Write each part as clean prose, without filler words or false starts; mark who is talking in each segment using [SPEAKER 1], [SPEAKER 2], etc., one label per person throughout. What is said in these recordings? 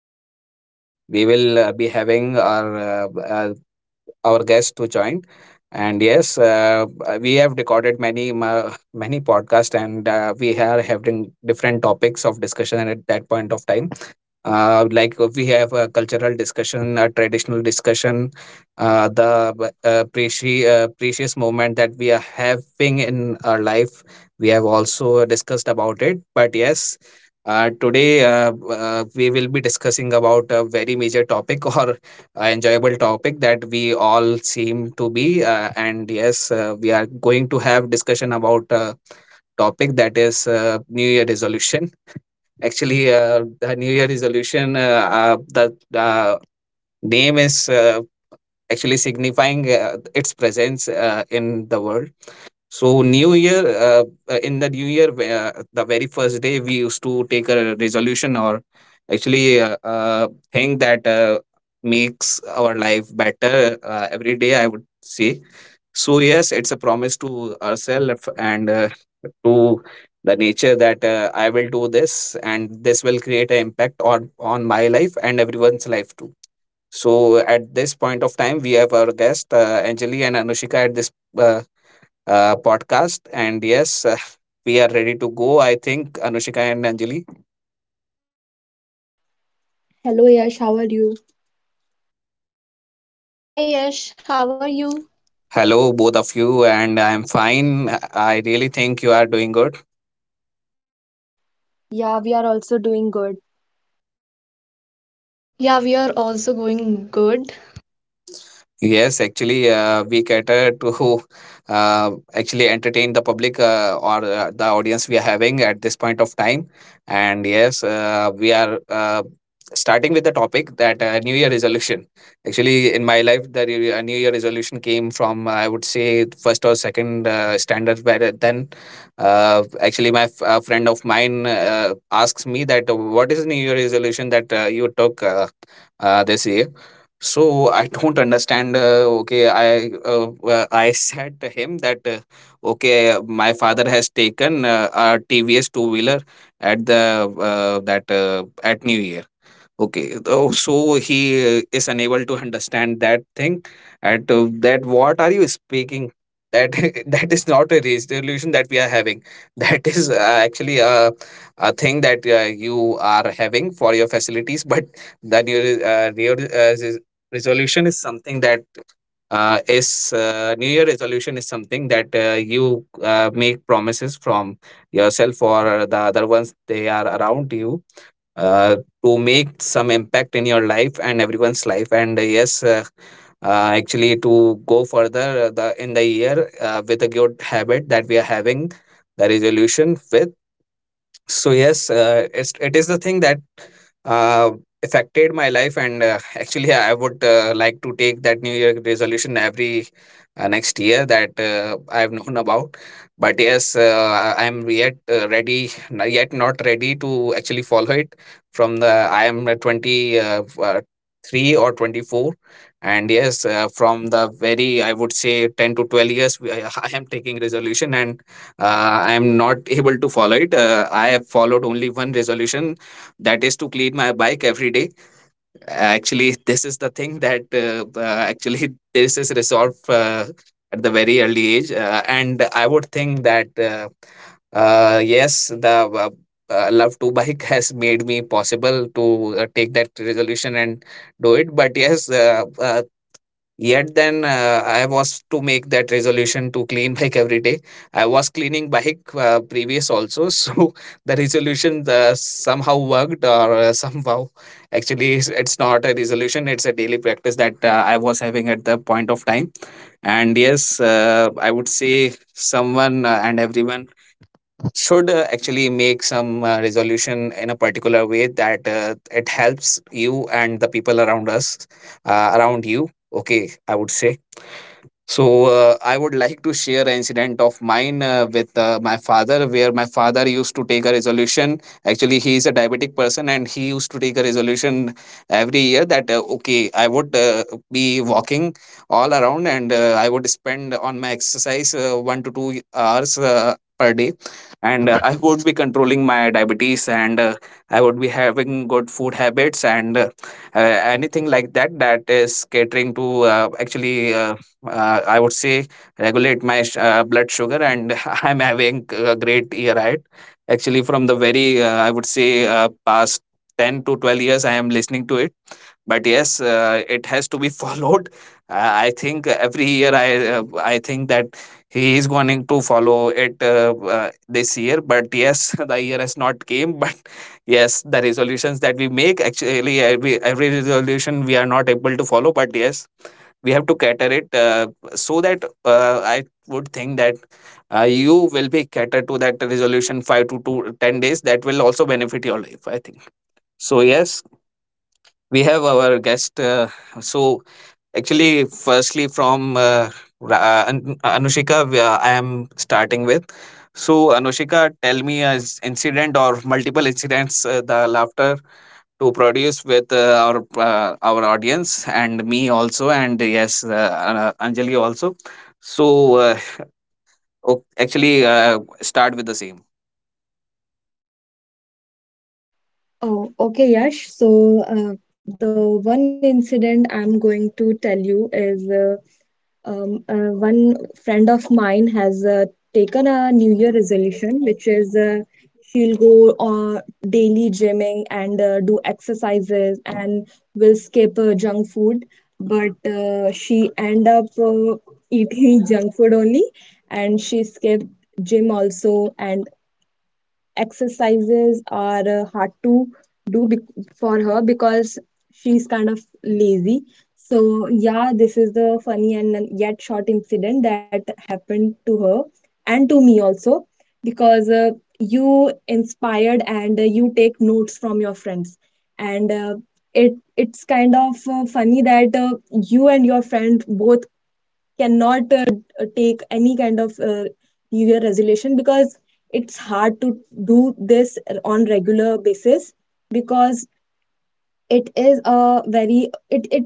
[SPEAKER 1] And we will be having uh, our guest to join. And yes, we have recorded many podcasts, and we are having different topics of discussion at that point of time. Like, we have a cultural discussion, a traditional discussion. The precious moment that we are having in our life we have also discussed about, it but yes, today, we will be discussing about a very major topic or enjoyable topic that we all seem to be. And yes, we are going to have discussion about a topic that is New Year resolution. Actually, the New Year resolution, the name is actually signifying its presence in the world. So New Year, uh, in the New Year, the very first day we used to take a resolution, or actually, thing that makes our life better every day, I would say. So yes, it's a promise to ourselves and to the nature that I will do this, and this will create an impact on my life and everyone's life too. So at this point of time, we have our guest, Anjali and Anushika, at this Uh, podcast. And yes, we are ready to go, I think, Anushika and Anjali.
[SPEAKER 2] Hello, Yash. How are you?
[SPEAKER 1] How are you? Hello, both of you, and I'm
[SPEAKER 3] Hi Yash,
[SPEAKER 1] fine.
[SPEAKER 3] how are
[SPEAKER 1] I
[SPEAKER 3] you?
[SPEAKER 1] really think you are doing good.
[SPEAKER 2] Yeah, we are also doing good.
[SPEAKER 3] Yeah, we
[SPEAKER 1] Yes,
[SPEAKER 3] are
[SPEAKER 1] actually,
[SPEAKER 3] also going
[SPEAKER 1] we
[SPEAKER 3] good.
[SPEAKER 1] cater to, actually entertain the public, or the audience we are having at this point of time. And yes, we are starting with the topic that, New Year resolution. Actually, in my life, the New Year resolution came from, I would say, first or second standard. Where then, actually, my friend of mine asks me that, what is New Year resolution that you took? They say, so I don't understand. Okay, uh, I said to him that, okay, my father has taken a TVS two wheeler at the, that at New Year. Okay. Oh, so he is unable to understand that thing. What are you speaking? That. That is not a resolution that we are having. That is actually a thing that you are having for your facilities. But the resolution is something that, is New Year resolution is something that you make promises from yourself or the other ones they are around you, uh, to make some impact in your life and everyone's life. And yes, actually, to go further, the in the year with a good habit that we are having the resolution with. So yes, it is the thing that uh, affected my life, and actually, I would like to take that New Year resolution every next year that I've known about. But yes, I am yet ready, yet not ready to actually follow it. From the, I am twenty three or twenty four, and yes, from the very, I would say, 10 to 12 years, I am taking resolution, and I am not able to follow it. I have followed only one resolution, that is to clean my bike every day. Actually, this is the thing that, actually, this is resolved at the very early age. And I would think that, yes, the uh, love to bike has made me possible to take that resolution and do it. But yes, yet then, I was to make that resolution to clean bike every day. I was cleaning bike, previous also, so the resolution somehow worked, or somehow, actually, it's not a resolution; it's a daily practice that I was having at the point of time. And yes, I would say someone and everyone should actually make some resolution in a particular way that it helps you and the people around you, okay, I would say. So, I would like to share an incident of mine, with, my father, where my father used to take a resolution. Actually, he is a diabetic person, and he used to take a resolution every year that, okay, I would be walking all around, and I would spend on my exercise 1 to 2 hours per day, and I would be controlling my diabetes, and I would be having good food habits, and uh, anything like that, that is catering to, actually. I would say regulate my blood sugar, and I'm having a great year ahead. Actually, from the very, I would say, past 10 to 12 years, I am listening to it. But yes, it has to be followed. I think every year, I think that he is going to follow it, this year. But yes, the year has not came. But yes, the resolutions that we make, actually, every resolution we are not able to follow. But yes, we have to cater it, so that, I would think that, you will be catered to that resolution 5 to 2 10 days, that will also benefit your life, I think. So yes, we have our guest, so, actually, firstly from, Anushika, I am starting with. So Anushika, tell me an incident or multiple incidents, the laughter to produce with, our audience, and me also. And yes, Anjali also. So, uh, actually, start with the same.
[SPEAKER 2] Oh, okay, Yash. So, the one incident I'm going to tell you is one friend of mine has taken a New Year resolution, which is she'll go daily gymming and do exercises and will skip junk food. But she end up eating junk food only, and she skipped gym also, and exercises are hard to do for her because she's kind of lazy. So, yeah, this is the funny and yet short incident that happened to her and to me also because you inspired and you take notes from your friends. And it's kind of funny that you and your friend both cannot take any kind of new year resolution because it's hard to do this on regular basis because it is a very it it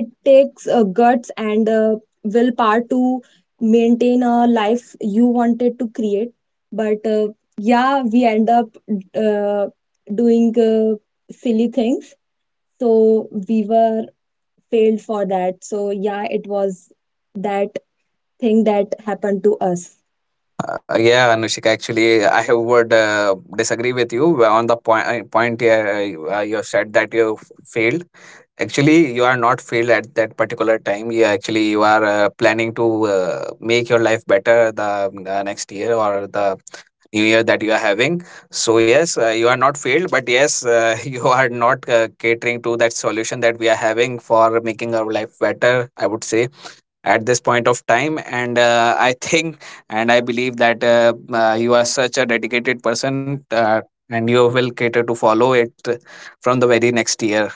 [SPEAKER 2] it takes guts and willpower to maintain a life you wanted to create, but yeah, we end up uh, doing silly things, so we were failed for that. So yeah, it was that thing that happened to us.
[SPEAKER 1] Yeah, Anushika, actually, I would disagree with you on the point here. You have said that you failed. Actually, you are not failed at that particular time. You, actually, you are planning to uh, make your life better, the next year, or the new year that you are having. So yes, you are not failed, but yes, you are not catering to that solution that we are having for making our life better, I would say, at this point of time. And I think and I believe that, you are such a dedicated person, and you will cater to follow it from the very next year.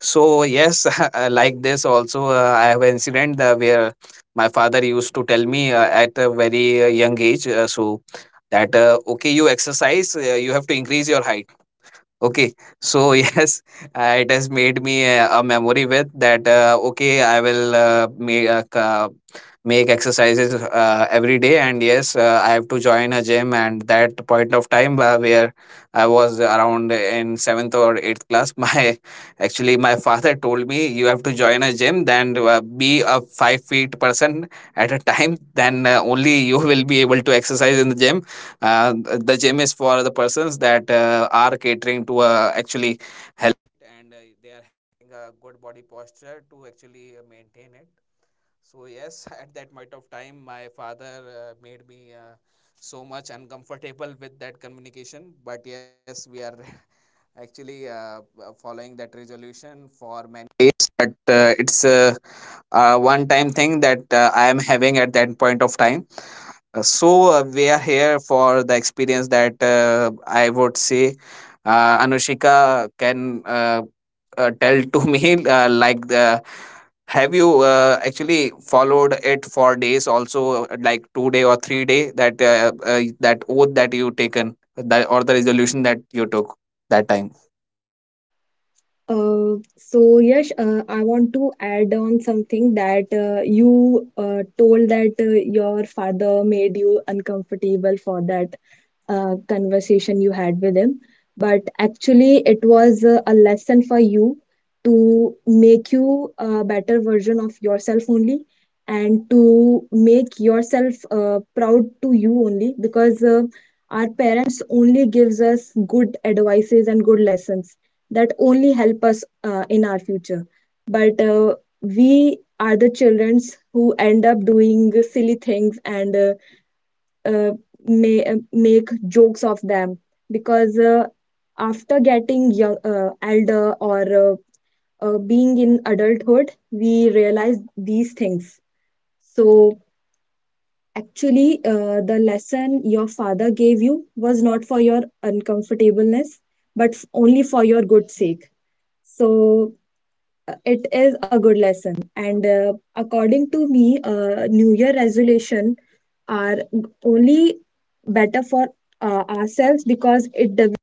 [SPEAKER 1] So yes, like this also, I have an incident where my father used to tell me, at a very young age, so that, okay, you exercise, you have to increase your height. Okay, so yes, it has made me a memory with that. Okay, I will make, make exercises every day, and yes, I have to join a gym. And that point of time, where I was around in seventh or eighth class, my father told me you have to join a gym, then, be a 5 feet person at a time, then, only you will be able to exercise in the gym. The gym is for the persons that are catering to, actually, one time thing that I am having at that point of time. So, we are here for the experience that, I would say, Anushika can tell to me, like the have you actually followed it for days also, like 2 day or 3 day, that, that oath that you taken, that, or the resolution that you took that time?
[SPEAKER 2] So yes, I want to add on something that you told that your father made you uncomfortable for that conversation you had with him, but actually it was a lesson for you to make you a better version of yourself only and to make yourself proud to you only, because our parents only gives us good advices and good lessons that only help us in our future. But we are the children who end up doing silly things and uh, may, make jokes of them because after getting young, elder or being in adulthood, we realize these things. So actually the lesson your father gave you was not for your uncomfortableness but only for your good sake. So it is a good lesson, and according to me, new year resolution are only better for ourselves because it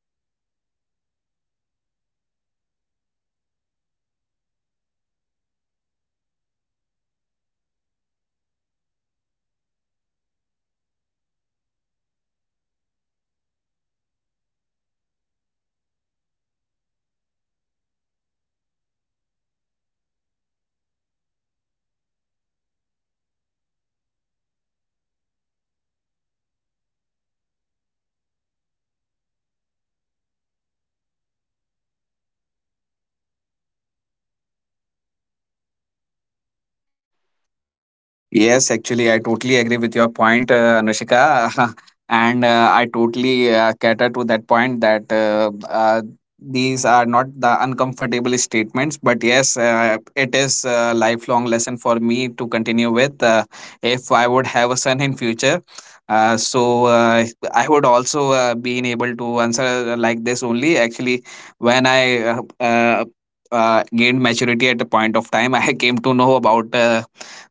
[SPEAKER 1] Yes, actually, I totally agree with your point, Anushika, and I totally cater to that point that, these are not the uncomfortable statements, but yes, it is a lifelong lesson for me to continue with. If I would have a son in future, so, I would also be able to answer like this only. Actually, when I gained maturity at a point of time, I came to know about.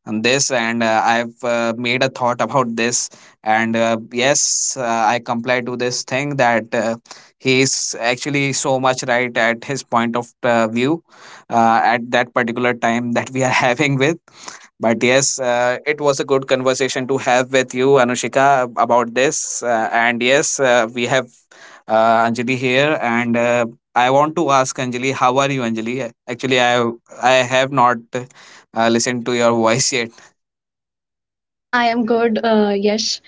[SPEAKER 1] On this and I've made a thought about this, and yes, I comply to this thing that he is actually so much right at his point of view at that particular time that we are having with. But yes, it was a good conversation to have with you, Anushika, about this, and yes, we have Anjali here, and I want to ask Anjali, how are you, Anjali? Actually, I have not listened to your voice yet.
[SPEAKER 3] I am good, Yash.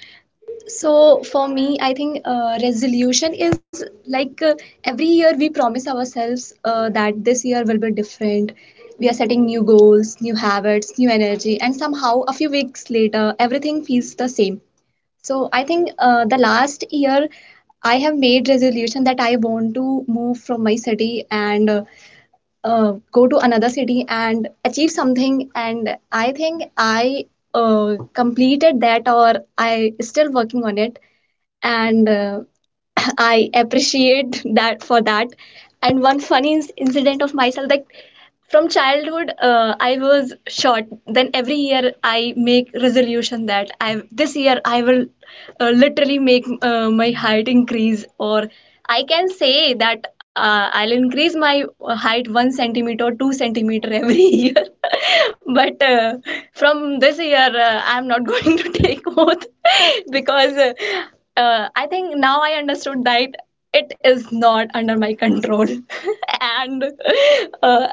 [SPEAKER 3] So for me, I think resolution is like every year we promise ourselves that this year will be different. We are setting new goals, new habits, new energy, and somehow a few weeks later, everything feels the same. So I think the last year I have made resolution that I want to move from my city and go to another city and achieve something, and I think I completed that, or I still working on it. And I appreciate that for that. And one funny incident of myself, like from childhood, I was short, then every year I make resolution that I this year I will literally make my height increase, or I can say that I'll increase my height 1 centimeter 2 centimeter every year. But from this year I'm not going to take oath because I think now I understood that it is not under my control. And uh,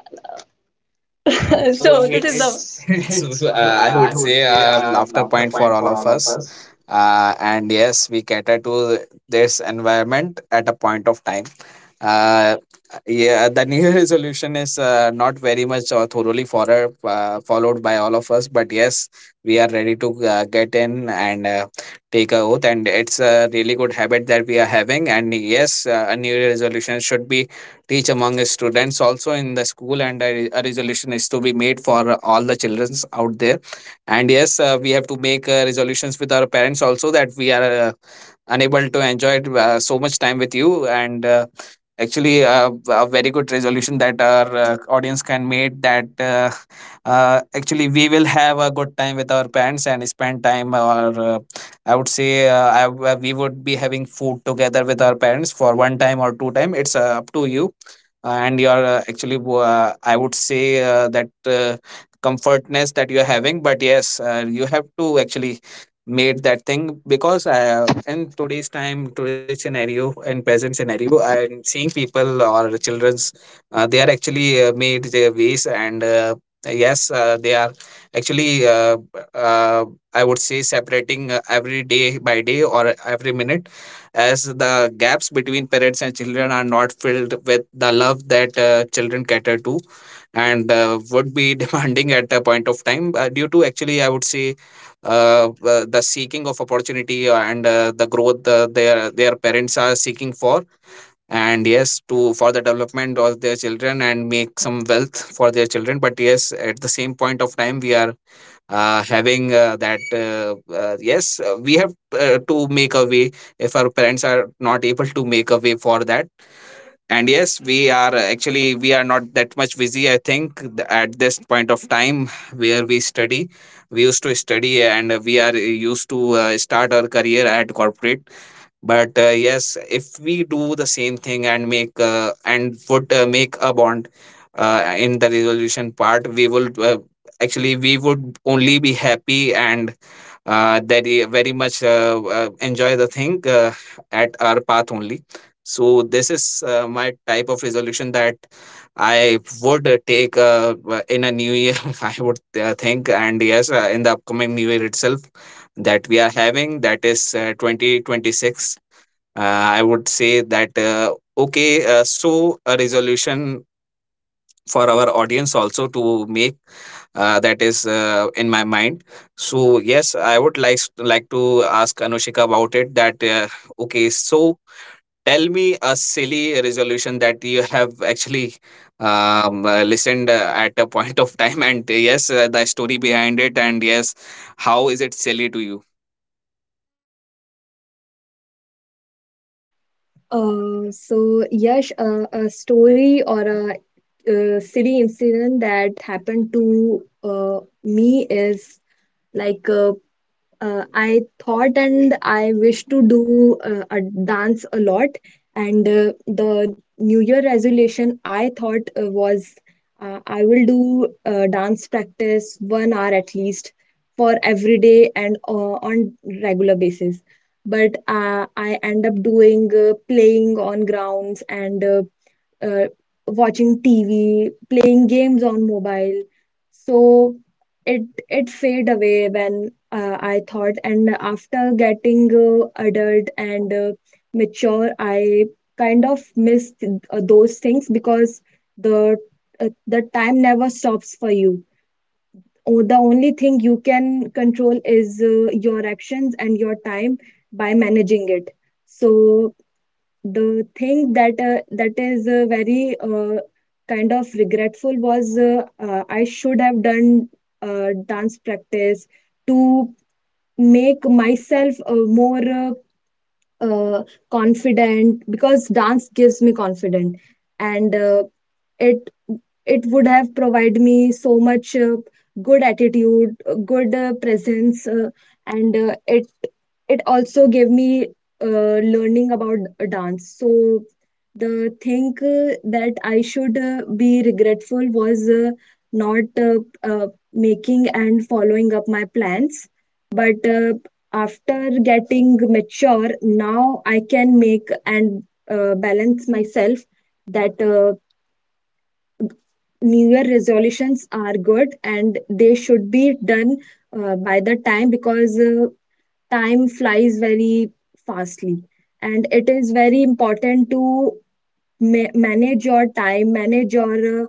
[SPEAKER 3] So
[SPEAKER 1] So
[SPEAKER 3] So this is the
[SPEAKER 1] it's it's
[SPEAKER 3] it's it's
[SPEAKER 1] uh, I would
[SPEAKER 3] I would
[SPEAKER 1] say
[SPEAKER 3] say
[SPEAKER 1] a
[SPEAKER 3] a
[SPEAKER 1] laughter
[SPEAKER 3] laughter
[SPEAKER 1] point for
[SPEAKER 3] point
[SPEAKER 1] all
[SPEAKER 3] for
[SPEAKER 1] of
[SPEAKER 3] all of
[SPEAKER 1] us.
[SPEAKER 3] us.
[SPEAKER 1] And yes, we cater to this environment at a point of time. uh, yeah, the New Year resolution is not very much or thoroughly followed by all of us, but yes, we are ready to get in and take a oath, and it's a really good habit that we are having. And yes, a New Year resolution should be teach among the students also in the school, and a resolution is to be made for all the childrens out there. And yes, we have to make resolutions with our parents also, that we are unable to enjoy so much time with you. And actually, a very good resolution that our audience can make, that actually we will have a good time with our parents and spend time. Or I would say, we would be having food together with our parents for one time or two time, it's up to you and your. Actually, I would say that comfortness that you are having. But yes, you have to actually made that thing, because in today's time, today's scenario and present scenario, I'm seeing people or children's, they are actually made their ways. And yes, they are actually uh, I would say separating every day by day or every minute, as the gaps between parents and children are not filled with the love that children cater to, and would be demanding at a point of time, due to, actually, I would say, the seeking of opportunity and the growth their parents are seeking for, and yes, to for the development of their children and make some wealth for their children. But yes, at the same point of time, we are having that yes, we have to make a way if our parents are not able to make a way for that. And yes, we are actually, we are not that much busy, I think, at this point of time, where we study, we used to study, and we are used to start our career at corporate. But yes, if we do the same thing and make and would make a bond in the resolution part, we will actually, we would only be happy. And that they very much enjoy the thing at our path only. So this is my type of resolution that I would take in a new year. I would think, and yes, in the upcoming new year itself that we are having, that is 2026. Uh, I would say that okay, so a resolution for our audience also to make that is in my mind. So yes, I would like to ask Anushika about it, that okay, so tell me a silly resolution that you have actually listened at a point of time, and yes, the story behind it, and yes, how is it silly to you?
[SPEAKER 2] so Yash, a story or a silly incident that happened to me is like, I thought and I wish to do a dance a lot. And the New Year resolution I thought was I will do dance practice 1 hour at least for every day and on regular basis. But I end up doing playing on grounds and uh, watching TV, playing games on mobile. So it it fade away when I thought, and after getting adult and mature, I kind of miss those things because the the time never stops for you. The only thing you can control is your actions and your time by managing it. So the thing that that is very kind of regretful was I should have done dance practice to make myself more uh, confident, because dance gives me confident. And it it would have provided me so much good attitude, good presence, and it also gave me learning about dance. So the thing that I should be regretful was not uh, making and following up my plans. But after getting mature, now I can make and balance myself, that New Year resolutions are good and they should be done by the time, because time flies very fastly. And it is very important to manage your time, manage your uh,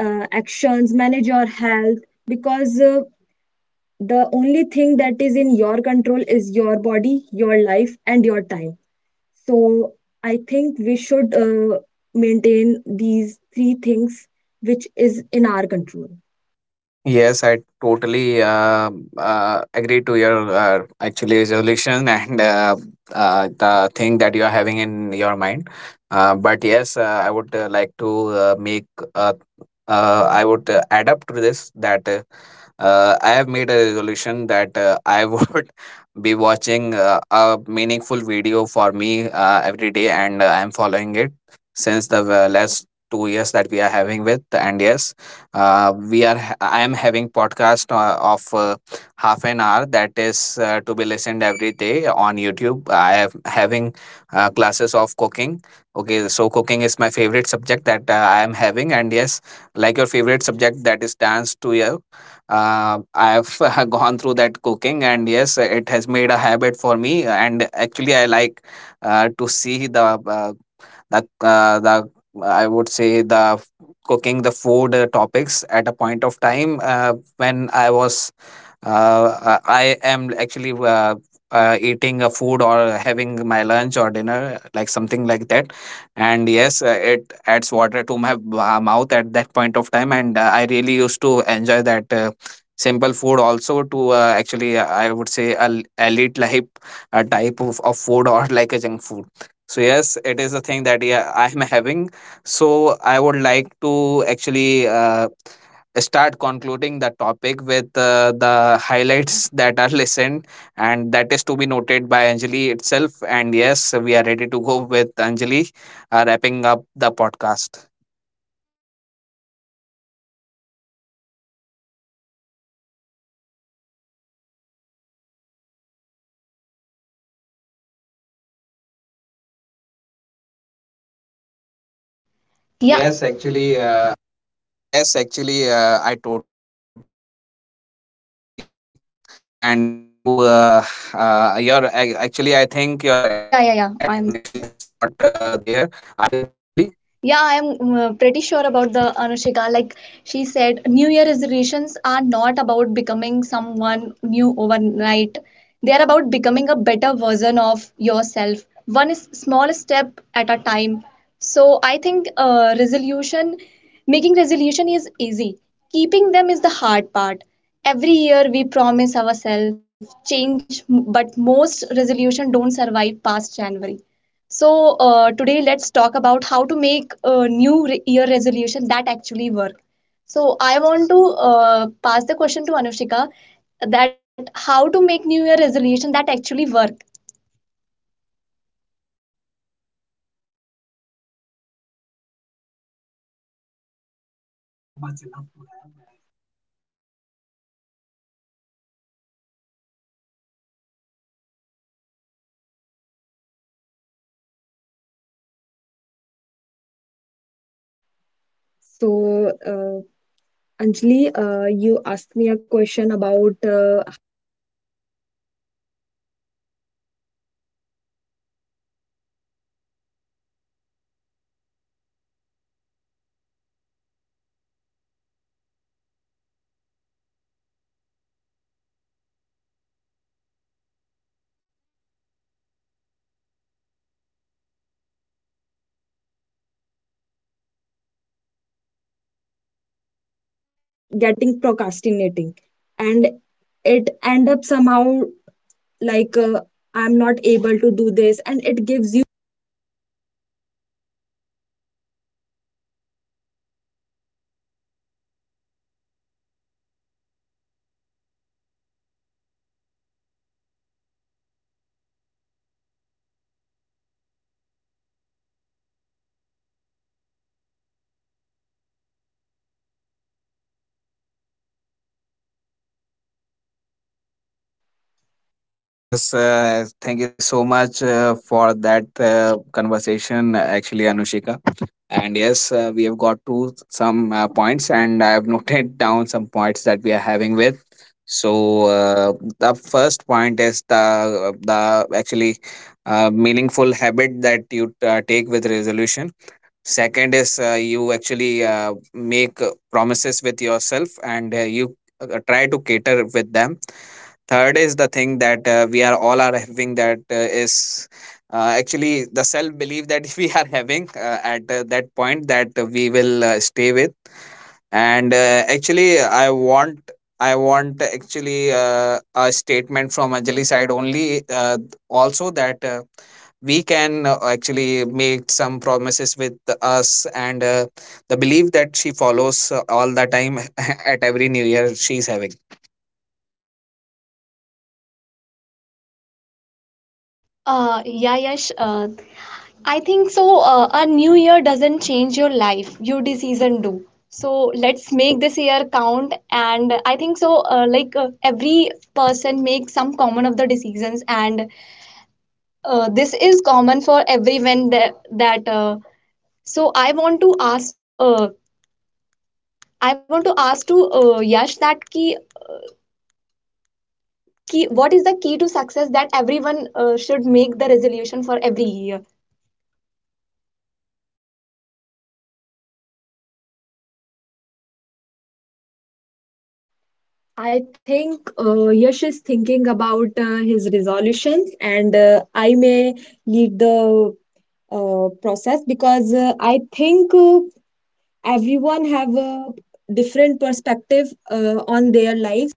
[SPEAKER 2] uh, actions, manage your health, because the only thing that is in your control is your body, your life, and your time. So I think we should maintain these three things which is in our control.
[SPEAKER 1] Yes, I totally agree to your actually resolution and the thing that you are having in your mind. But yes, I would like to make. Uh, I would add up to this that I have made a resolution that I would be watching a meaningful video for me every day, and I am following it since the last 2 years that we are having with. And yes, we are I am having podcast of half an hour that is to be listened every day on YouTube. I am having classes of cooking. Okay, so cooking is my favorite subject that I am having, and yes, like your favorite subject that is dance to you. I have gone through that cooking, and yes, it has made a habit for me. And actually, I like to see the I would say cooking the food topics at a point of time when I was uh, I am actually eating a food or having my lunch or dinner, like something like that. And yes, it adds water to my mouth at that point of time. And I really used to enjoy that, simple food also, to actually, I would say, elite life type of food, or like a junk food. So yes, it is a thing that yeah, I'm having. So I would like to actually start concluding the topic with the highlights that are listened, and that is to be noted by Anjali itself. And yes, we are ready to go with Anjali wrapping up the podcast.
[SPEAKER 3] Yeah
[SPEAKER 1] Yes,
[SPEAKER 3] Yes,
[SPEAKER 1] actually,
[SPEAKER 3] actually,
[SPEAKER 1] I totally agree. And you, uh, your actually, I think your net connection is not there. Are you there, Anjali?
[SPEAKER 3] yeah, I am there. Yeah, I'm pretty sure about the Anushika. Like she said, New Year resolutions are not about becoming someone new overnight. They are about becoming a better version of yourself, one is small step at a time. So I think making resolution is easy. Keeping them is the hard part. Every year we promise ourselves change, but most resolution don't survive past January. So, today let's talk about how to make a year resolution that actually work. So, I want to pass the question to Anushika, that how to make new year resolution that actually work.
[SPEAKER 1] Yes, actually, I would love to have it. And yes, the points taken by Anjali are so much enough to have. And I am actually gaining very much knowledge about that, that New Year resolutions that we are having for girls also. So, yes, we are ready to go with Anushika.
[SPEAKER 2] So, Anjali, you asked me a question about getting procrastinating, and it end up somehow like I'm not able to do this, and it gives you.
[SPEAKER 1] Yes, thank you so much for that conversation, actually, Anushika. And yes, we have got to some points, and I have noted down some points that we are having with. So the first point is the actually meaningful habit that you take with resolution. Second is, you actually make promises with yourself, and you try to cater with them. Third is the thing that we are all are having, that is actually the self belief that we are having at that point, that we will stay with. And actually, I want actually a statement from Anjali side only, also, that we can actually make some promises with us, and the belief that she follows all the time at every new year she's having.
[SPEAKER 3] Yeah, Yash, I think so. A new year doesn't change your life, your decision do. So let's make this year count. And I think so, like every person makes some common of the decisions, and this is common for everyone that. So I want to ask to Yash, that key, what is the key to success that everyone should make the resolution for every year?
[SPEAKER 2] I think Yash is thinking about his resolutions, and I may lead the process because I think everyone have a different perspective on their life.